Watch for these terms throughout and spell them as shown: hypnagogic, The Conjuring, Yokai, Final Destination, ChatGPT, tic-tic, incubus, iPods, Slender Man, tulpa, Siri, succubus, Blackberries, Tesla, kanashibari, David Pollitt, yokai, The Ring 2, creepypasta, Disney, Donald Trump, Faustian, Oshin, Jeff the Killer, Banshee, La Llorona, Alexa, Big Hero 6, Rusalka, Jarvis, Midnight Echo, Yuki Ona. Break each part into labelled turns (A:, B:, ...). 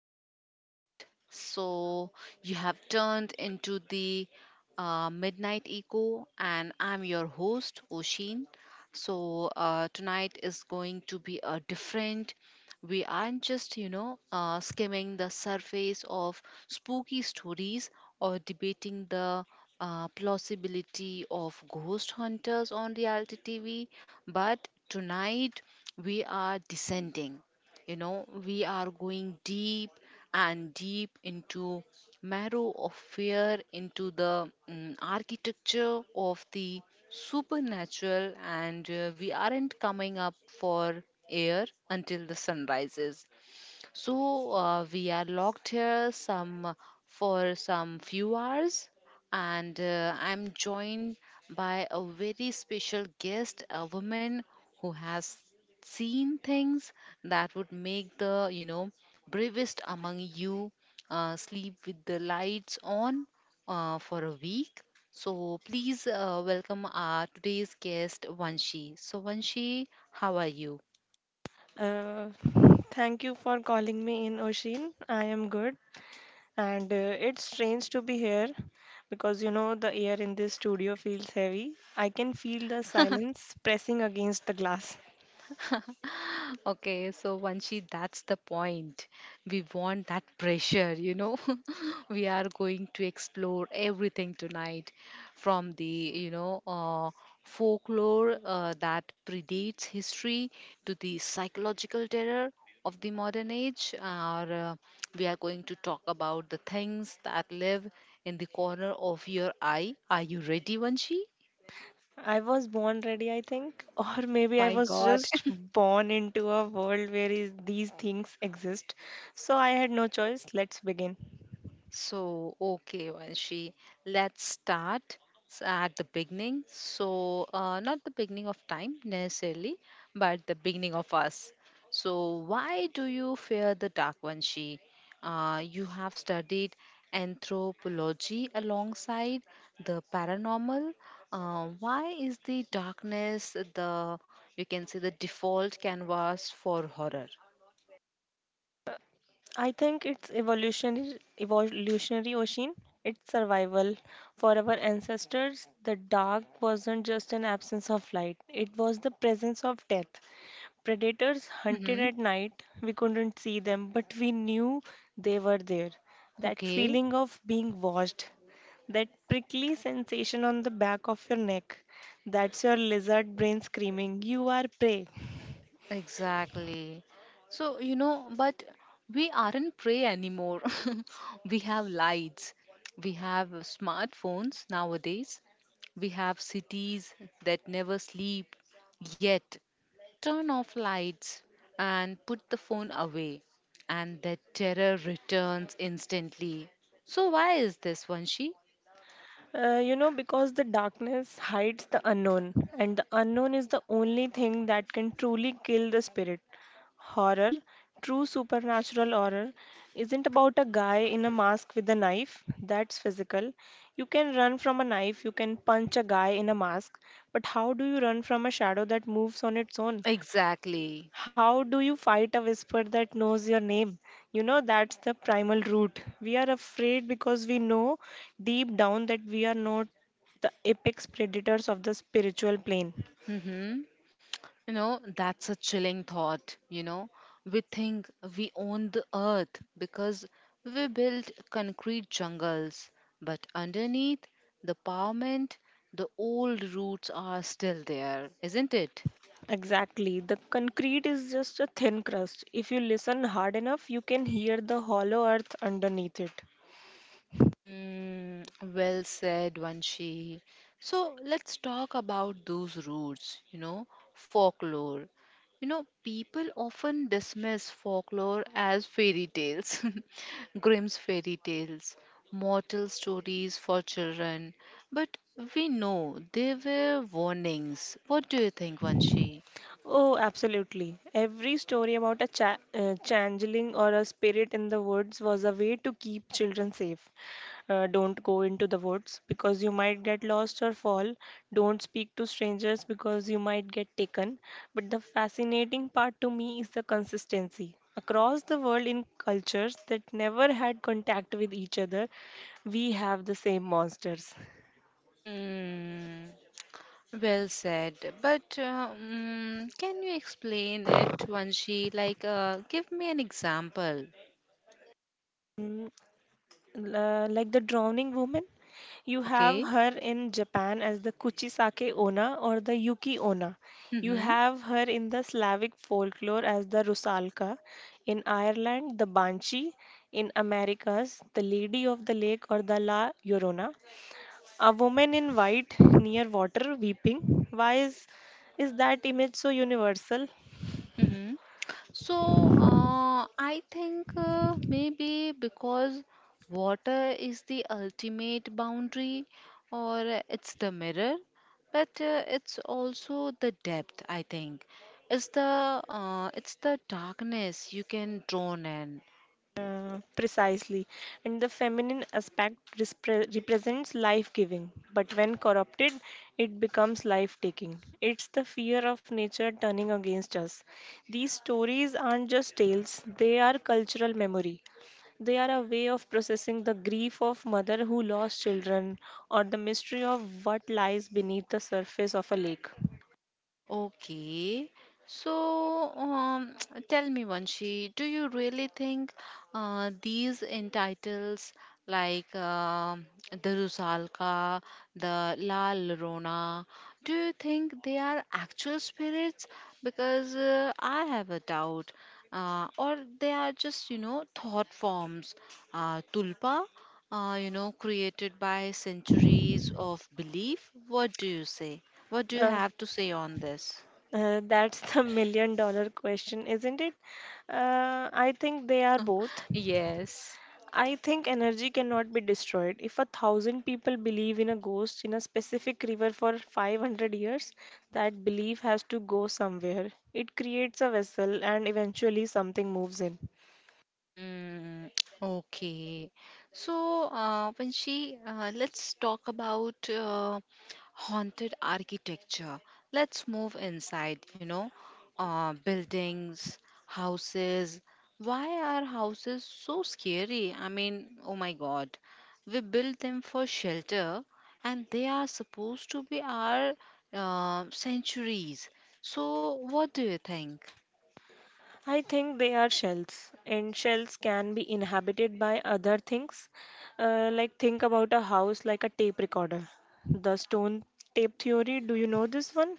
A: are doing good. So, you have turned into the Midnight Echo, and I'm your host, Oshin. So, tonight is going to be a different. We aren't just, skimming the surface of spooky stories or debating the plausibility of ghost hunters on reality TV. But tonight we are descending. You know, we are going deep and deep into marrow of fear, into the architecture of the supernatural, and we aren't coming up for air until the sun rises. So we are locked here some for some few hours, and I'm joined by a very special guest, a woman who has seen things that would make the bravest among you sleep with the lights on for a week. So please welcome our today's guest, Vanshi. So Vanshi, how are you?
B: Uh, Thank you for calling me in, Oshin. I am good, and it's strange to be here because you know the air in this studio feels heavy. I can feel the silence pressing against the glass.
A: Okay, so Vanshi, that's the point. We want that pressure, you know. We are going to explore everything tonight from you know, uh, folklore that predates history to the psychological terror of the modern age. Or we are going to talk about the things that live in the corner of your eye. Are you ready, Vanshi?
B: I was born ready, I think, or
A: Oh
B: maybe I
A: my
B: was
A: God.
B: just born into a world where these things exist. So I had no choice. Let's begin.
A: So, okay, Vanshi, let's start at the beginning. So, not the beginning of time necessarily, but the beginning of us. So, why do you fear the dark, Vanshi? You have studied anthropology alongside the paranormal. Why is the darkness, you can say, the default canvas for horror?
B: I think it's evolutionary ocean. It's survival. For our ancestors, the dark wasn't just an absence of light, it was the presence of death. Predators hunted
A: Hmm.
B: at night. We couldn't see them, but we knew they were there. That
A: Okay.
B: feeling of being watched, that prickly sensation on the back of your neck, that's your lizard brain screaming, You are prey.
A: Exactly. So, you know, but we aren't prey anymore. We have lights, we have smartphones nowadays, we have cities that never sleep. Yet, turn off lights and put the phone away, and the terror returns instantly. So, why is this, Vanshi?
B: Because the darkness hides the unknown, and the unknown is the only thing that can truly kill the spirit. Horror, true supernatural horror, isn't about a guy in a mask with a knife. That's physical. You can run from a knife, you can punch a guy in a mask, but how do you run from a shadow that moves on its own?
A: Exactly.
B: How do you fight a whisper that knows your name? You know, that's the primal root. We are afraid because we know deep down that we are not the apex predators of the spiritual plane.
A: Mm-hmm. You know, that's a chilling thought. You know, we think we own the earth because we built concrete jungles, but underneath the pavement, the old roots are still there, isn't it?
B: Exactly. The concrete is just a thin crust. If you listen hard enough, you can hear the hollow earth underneath it.
A: Mm, well said, Vanshi. So let's talk about those roots, you know, folklore. You know, people often dismiss folklore as fairy tales, Grimm's fairy tales, mortal stories for children. But we know they were warnings. What do you think, Vanshi?
B: Oh, absolutely. Every story about a changeling or a spirit in the woods was a way to keep children safe. Don't go into the woods because you might get lost or fall. Don't speak to strangers because you might get taken. But the fascinating part to me is the consistency. Across the world, in cultures that never had contact with each other, we have the same monsters
A: Hmm. Well said. But can you explain it, Vanshi? Like, give me an example.
B: like the drowning woman. You have
A: Okay.
B: her in Japan as the Kuchisake Ona or the Yuki Ona. You
A: Mm-hmm.
B: have her in the Slavic folklore as the Rusalka, in Ireland, the Banshee, in Americas, the Lady of the Lake or the La Llorona. A woman in white near water weeping. Why is that image so universal?
A: Mm-hmm. So, I think maybe because water is the ultimate boundary, or it's the mirror, but it's also the depth. I think it's the it's the darkness you can drawn in.
B: Precisely. And the feminine aspect represents life giving, but when corrupted, it becomes life taking. It's the fear of nature turning against us. These stories aren't just tales, they are cultural memory. They are a way of processing the grief of mother who lost children or the mystery of what lies beneath the surface of a lake.
A: Okay. So, tell me, Vanshi, do you really think these entitles like the Rusalka, the La Llorona, do you think they are actual spirits? Because I have a doubt. Or they are just, you know, thought forms. Tulpa, you know, created by centuries of belief. What do you say? What do you
B: Uh,
A: have to say on this?
B: that's the million-dollar question, isn't it? I think they are both.
A: Yes.
B: I think energy cannot be destroyed. If 1,000 people believe in a ghost in a specific river for 500 years, that belief has to go somewhere. It creates a vessel and eventually something moves in.
A: Hmm. Okay. So, Panchi, let's talk about haunted architecture. Let's move inside, you know, buildings, houses. Why are houses so scary? I mean, oh my God. We build them for shelter and they are supposed to be our sanctuaries. So, what do you think?
B: I think they are shells, and shells can be inhabited by other things. Like, think about a house like a tape recorder. The stone tape theory, do you know this one?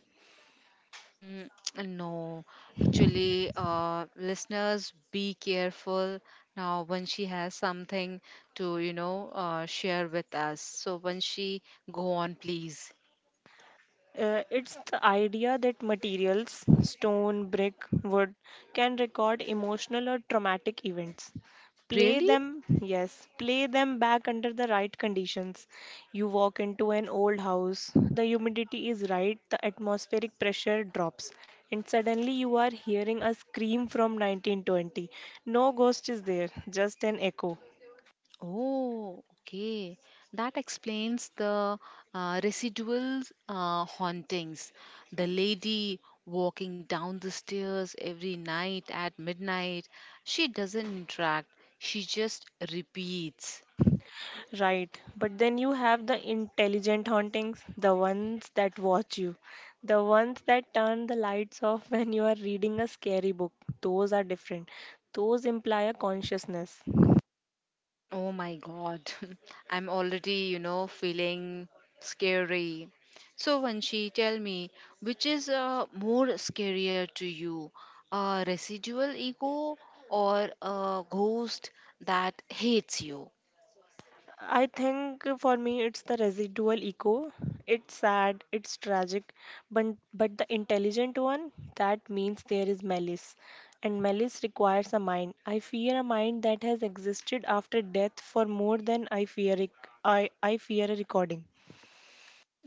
A: Mm, no, actually, listeners, be careful now when she has something to, share with us. So when she go on, please.
B: It's the idea that materials, stone, brick, wood, can record emotional or traumatic events. Play
A: Really?
B: them, yes, play them back under the right conditions. You walk into an old house, the humidity is right, the atmospheric pressure drops, and suddenly you are hearing a scream from 1920. No ghost is there, just an echo.
A: Oh, okay. That explains the residual hauntings. The lady walking down the stairs every night at midnight, she doesn't interact, she just repeats.
B: Right. But then you have the intelligent hauntings, the ones that watch you, the ones that turn the lights off when you are reading a scary book. Those are different. Those imply a consciousness.
A: Oh my God. I'm already, you know, feeling scary. So when she tell me which is more scarier to you, a residual ego or a ghost that hates you?
B: I think for me it's the residual echo. It's sad, it's tragic, but the intelligent one, that means there is malice. And malice requires a mind. I fear a mind that has existed after death for more than I fear a recording.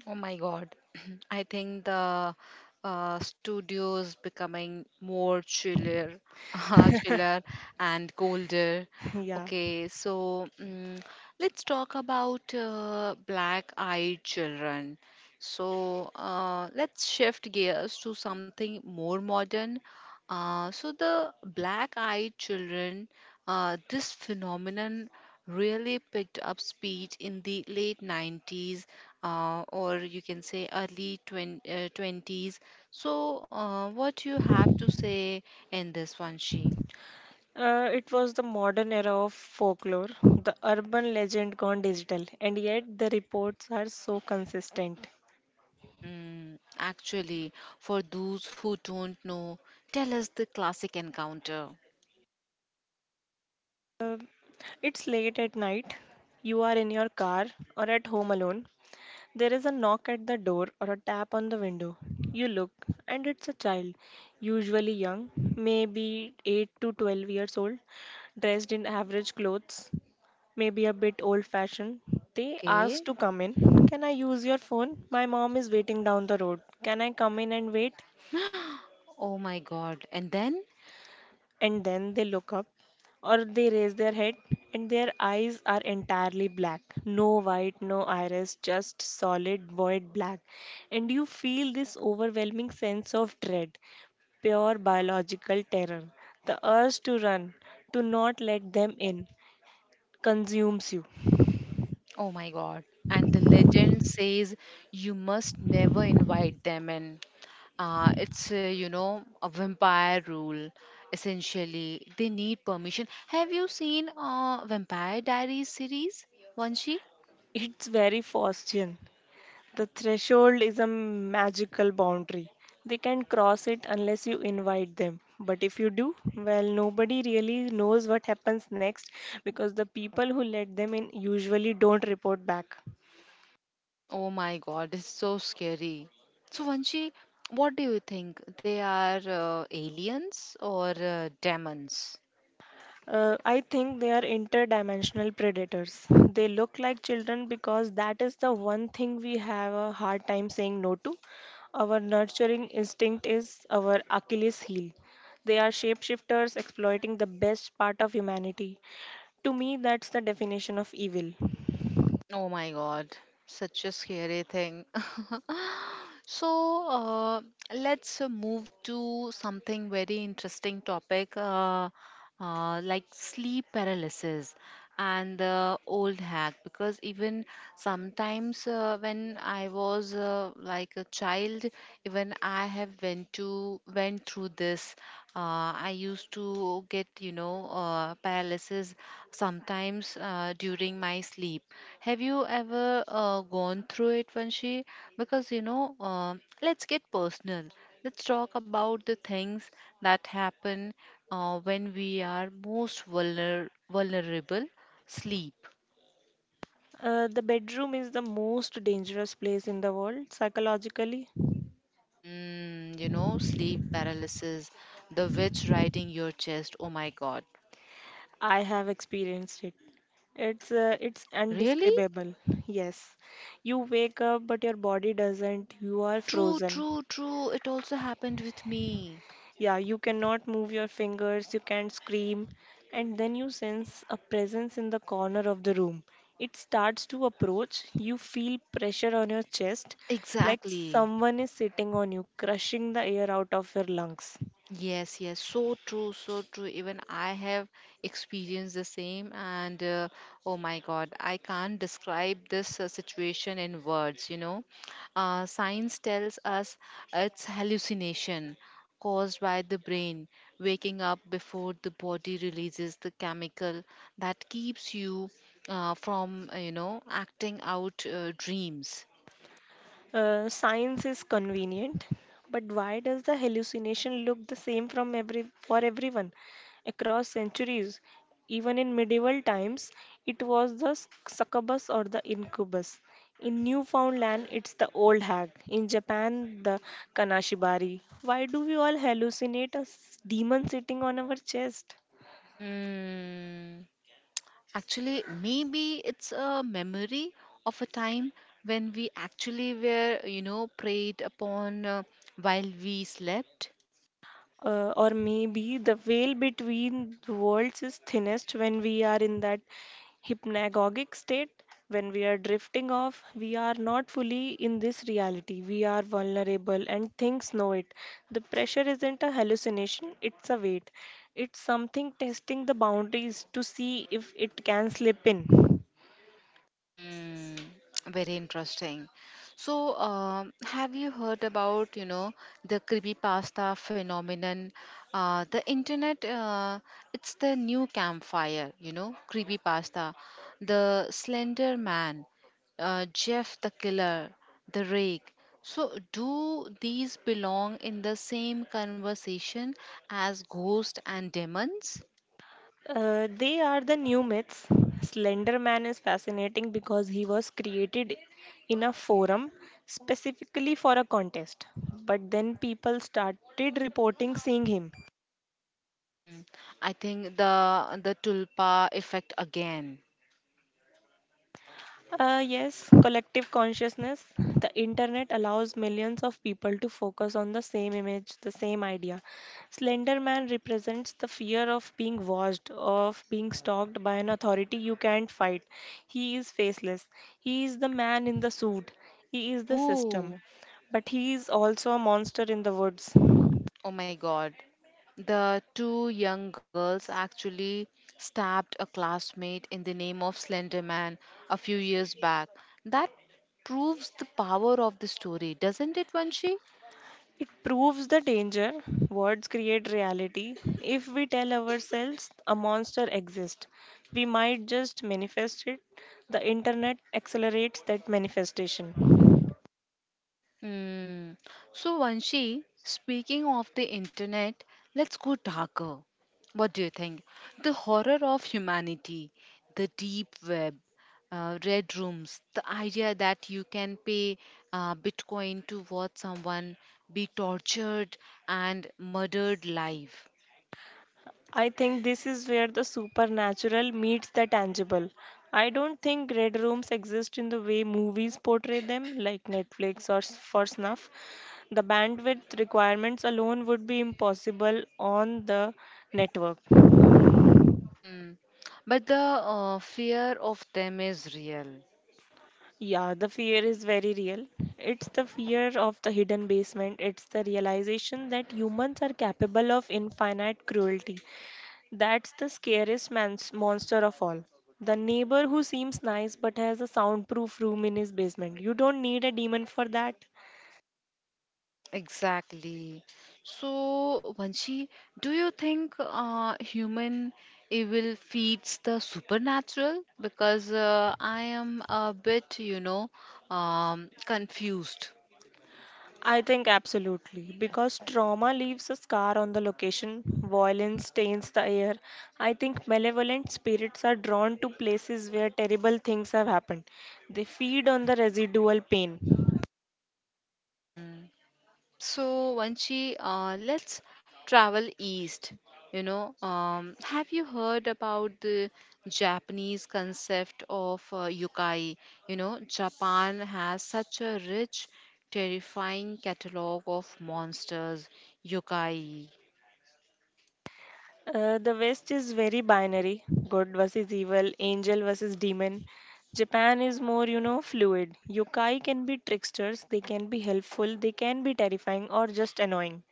A: Oh my God. I think the studio is becoming more chiller, chiller and colder.
B: Yeah,
A: Okay, so let's talk about black-eyed children. So let's shift gears to something more modern. So the black-eyed children, this phenomenon really picked up speed in the late 90s or you can say early 20s. So, what you have to say in this one, she?
B: it was the modern era of folklore, the urban legend gone digital, and yet the reports are so consistent.
A: Mm, actually, for those who don't know, tell us the classic encounter.
B: It's late at night, you are in your car or at home alone. There is a knock at the door or a tap on the window. You look, and it's a child, usually young, maybe 8 to 12 years old, dressed in average clothes. Maybe a bit old fashioned. They asked
A: Okay.
B: to come in. Can I use your phone? My mom is waiting down the road. Can I come in and wait?
A: Oh my God. And then?
B: And then they look up or they raise their head and their eyes are entirely black. No white, no iris, just solid void black. And you feel this overwhelming sense of dread, pure biological terror. The urge to run, to not let them in, consumes you.
A: Oh my God. And the legend says you must never invite them in. It's, you know, a vampire rule, essentially. They need permission. Have you seen Vampire Diaries series, Vanshi?
B: It's very Faustian. The threshold is a magical boundary. They can cross it unless you invite them. But if you do, well, nobody really knows what happens next because the people who let them in usually don't report back.
A: Oh my god, this is so scary. So, Vanshi, what do you think? They are aliens or demons?
B: I think they are interdimensional predators. They look like children because that is the one thing we have a hard time saying no to. Our nurturing instinct is our Achilles heel. They are shapeshifters exploiting the best part of humanity. To me, that's the definition of evil.
A: Oh my God, such a scary thing. So, let's move to something very interesting topic, like sleep paralysis and the old hack, because even sometimes when I was like a child even I have went through this I used to get you know paralysis sometimes during my sleep. Have you ever gone through it, vanshi? Because you know, let's get personal. Let's talk about the things that happen when we are most vulnerable. Sleep.
B: The bedroom is the most dangerous place in the world psychologically.
A: Hmm. You know, sleep paralysis, the witch riding your chest. Oh my god.
B: I have experienced it. It's
A: Really?
B: indescribable. Yes. You wake up but your body doesn't. You are
A: True,
B: frozen.
A: true, true. It also happened with me.
B: Yeah, you cannot move your fingers, you can't scream, and then you sense a presence in the corner of the room. It starts to approach. You feel pressure on your chest like
A: Exactly.
B: someone is sitting on you, crushing the air out of your lungs.
A: Yes, yes, so true, so true. Even I have experienced the same, and oh my God, I can't describe this situation in words. You know, science tells us it's hallucination caused by the brain waking up before the body releases the chemical that keeps you from, you know, acting out dreams.
B: Science is convenient, but why does the hallucination look the same from every for everyone across centuries? Even in medieval times, it was the succubus or the incubus. In Newfoundland, it's the old hag. In Japan, the kanashibari. Why do we all hallucinate a demon sitting on our chest?
A: Hmm. Actually, maybe it's a memory of a time when we actually were, you know, preyed upon while we slept.
B: Or maybe the veil between the worlds is thinnest when we are in that hypnagogic state. When we are drifting off, we are not fully in this reality. We are vulnerable and things know it. The pressure isn't a hallucination, it's a weight. It's something testing the boundaries to see if it can slip in.
A: Mm, very interesting. So, have you heard about, you know, the creepypasta phenomenon? The internet, it's the new campfire, you know, creepypasta. The Slender Man, Jeff the Killer, The Rake. So, do these belong in the same conversation as ghosts and demons?
B: They are the new myths. Slender Man is fascinating because he was created in a forum specifically for a contest. But then people started reporting seeing him.
A: I think the tulpa effect again.
B: Yes, collective consciousness. The internet allows millions of people to focus on the same image, the same idea. Slender Man represents the fear of being watched, of being stalked by an authority you can't fight. He is faceless. He is the man in the suit. He is the system.
A: Oh.
B: But he is also a monster in the woods.
A: Oh my god. The two young girls actually stabbed a classmate in the name of Slender Man a few years back. That proves the power of the story, doesn't it, Vanshi?
B: It proves the danger. Words create reality. If we tell ourselves a monster exists, we might just manifest it. The internet accelerates that manifestation.
A: Hmm. So, Vanshi, speaking of the internet, let's go darker. What do you think? The horror of humanity, the deep web, red rooms, the idea that you can pay Bitcoin to watch someone be tortured and murdered live.
B: I think this is where the supernatural meets the tangible. I don't think red rooms exist in the way movies portray them, like Netflix or for snuff. The bandwidth requirements alone would be impossible on the network.
A: Hmm. But the fear of them is real.
B: Yeah, the fear is very real. It's the fear of the hidden basement. It's the realization that humans are capable of infinite cruelty. That's the scariest man's monster of all. The neighbor who seems nice but has a soundproof room in his basement. You don't need a demon for that.
A: Exactly. So, Vanshi, do you think human evil feeds the supernatural? Because I am a bit, you know, confused.
B: I think absolutely, because trauma leaves a scar on the location, violence stains the air. I think malevolent spirits are drawn to places where terrible things have happened. They feed on the residual pain.
A: So, Vanchi, let's travel east. You know, have you heard about the Japanese concept of yokai? You know, Japan has such a rich, terrifying catalog of monsters, yokai.
B: The West is very binary good versus evil, angel versus demon. Japan is more, you know, fluid. Yokai can be tricksters, they can be helpful, they can be terrifying or just annoying.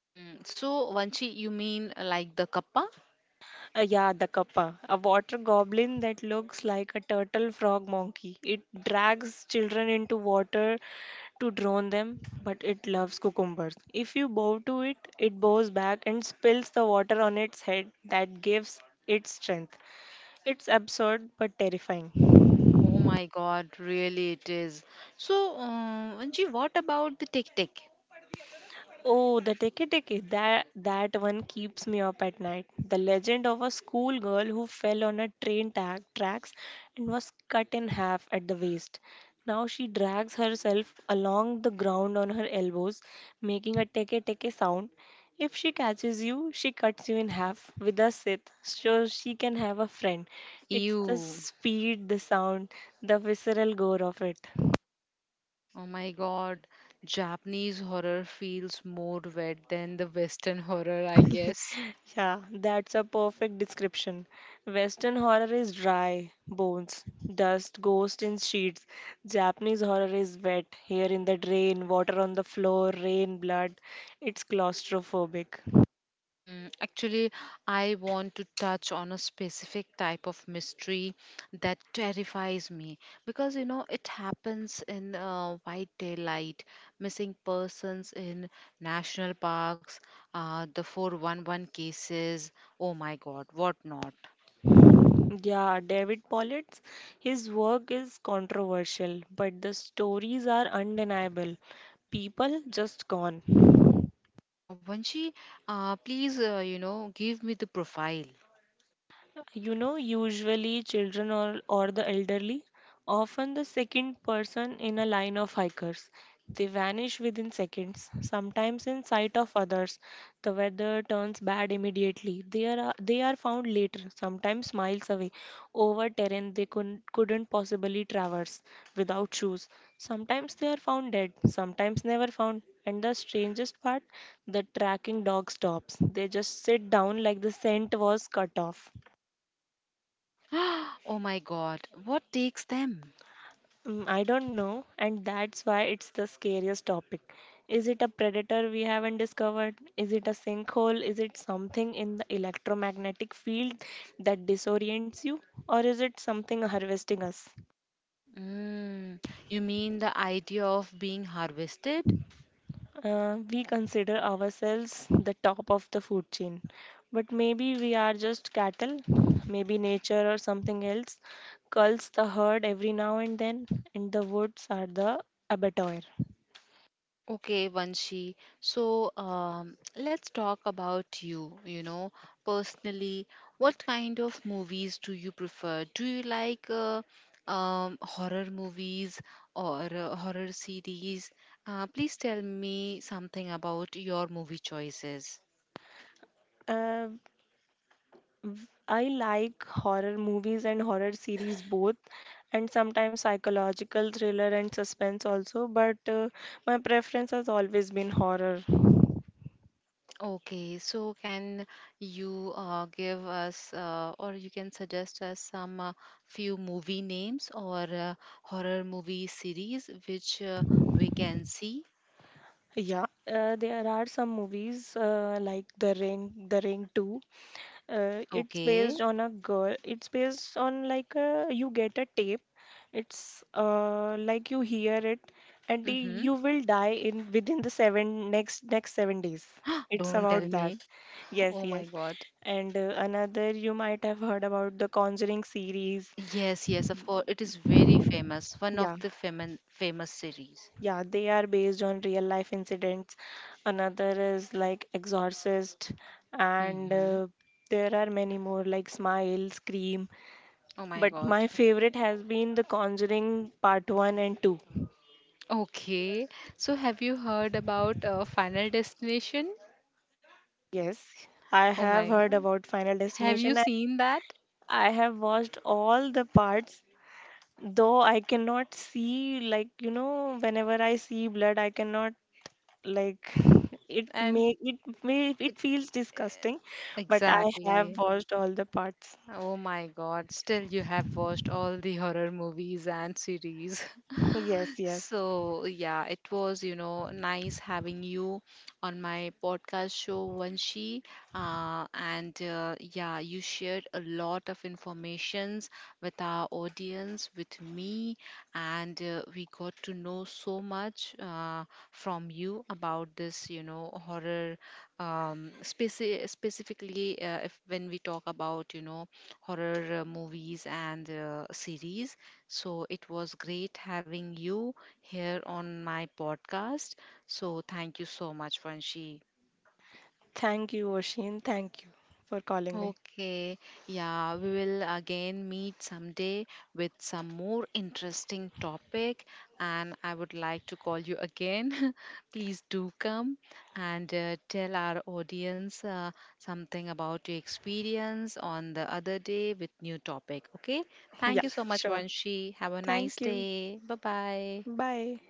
A: Mm, so, Vanchi, you mean like the kappa?
B: Yeah, the kappa, a water goblin that looks like a turtle frog monkey. It drags children into water to drown them, but it loves cucumbers. If you bow to it, it bows back and spills the water on its head that gives it strength. It's absurd but terrifying.
A: Oh my God, really it is. So, Vanchi, what about the tic-tic?
B: Oh, the Teki Teki, that one keeps me up at night. The legend of a schoolgirl who fell on a train tracks and was cut in half at the waist. Now she drags herself along the ground on her elbows, making a Teke Teke sound. If she catches you, she cuts you in half with a scythe so she can have a friend. It's the
A: Ew.
B: speed, the sound, the visceral gore of it.
A: Oh my god, Japanese horror feels more wet than the Western horror, I guess.
B: Yeah, that's a perfect description. Western horror is dry, bones, dust, ghosts in sheets. Japanese horror is wet, hair in the drain, water on the floor, rain, blood. It's claustrophobic.
A: Mm, actually, I want to touch on a specific type of mystery that terrifies me because you know it happens in white daylight, missing persons in national parks, the 411 cases. Oh my god, what not?
B: Yeah, David Pollitt, his work is controversial, but the stories are undeniable. People just gone.
A: Vanshi, please, you know, give me the profile.
B: You know, usually children or the elderly, often the second person in a line of hikers. They vanish within seconds, sometimes in sight of others. The weather turns bad immediately. They are found later, sometimes miles away, over terrain they couldn't possibly traverse without shoes. Sometimes they are found dead, sometimes never found. And the strangest part, the tracking dog stops. They just sit down like the scent was cut off.
A: Oh my God, what takes them?
B: Mm, I don't know, and that's why it's the scariest topic. Is it a predator we haven't discovered? Is it a sinkhole? Is it something in the electromagnetic field that disorients you? Or is it something harvesting us?
A: Mm, you mean the idea of being harvested?
B: We consider ourselves the top of the food chain, but maybe we are just cattle, maybe nature or something else culls the herd every now and then, and the woods are the abattoir.
A: Okay, Vanshi. So let's talk about you, you know, personally. What kind of movies do you prefer? Do you like horror movies or horror series? Please tell me something about your movie choices.
B: Uh, I like horror movies and horror series both, and sometimes psychological thriller and suspense also. But my preference has always been horror.
A: Okay, so can you give us or you can suggest us some few movie names or horror movie series which we can see?
B: Yeah, there are some movies like The Ring, The Ring 2, it's based
A: Okay.
B: on a girl it's based on like a, you get a tape. It's like you hear it and
A: Mm-hmm.
B: you will die in within the seven next 7 days. It's
A: Don't tell
B: about
A: me.
B: that.
A: Oh
B: Yes,
A: my
B: yes.
A: God.
B: And another, you might have heard about the Conjuring series.
A: Yes, yes, of course. It is very famous. One
B: Yeah,
A: of the famous series.
B: yeah, they are based on real life incidents. Another is like Exorcist, and
A: Mm-hmm.
B: there are many more like Smile, Scream,
A: Oh my
B: but
A: God.
B: my favorite has been The Conjuring Part 1 and 2.
A: Okay. So have you heard about Final Destination?
B: Yes, I
A: Oh my
B: have heard
A: God.
B: about Final
A: Have you
B: Destination, and
A: seen that?
B: I have watched all the parts, though I cannot see, like, you know, whenever I see blood, I cannot, like, it
A: And
B: may, it may, it feels disgusting, but I have
A: exactly.
B: watched all the parts.
A: Oh my god, still you have watched all the horror movies and series.
B: Yes, yes.
A: So, yeah, it was, you know, nice having you on my podcast show, Vanshi. And yeah, you shared a lot of informations with our audience, with me, and we got to know so much from you about this, you know, horror, specifically if when we talk about, you know, horror movies and series. So it was great having you here on my podcast. So, thank you so much, Vanshi.
B: Thank you, Oshin. Thank you for calling me.
A: Okay, yeah, we will again meet someday with some more interesting topic, and I would like to call you again. Please do come and tell our audience something about your experience on the other day with new topic. Okay,
B: Yeah,
A: thank you so much,
B: sure.
A: Vanshi. Have a nice
B: Thank you.
A: day. Bye bye.
B: Bye.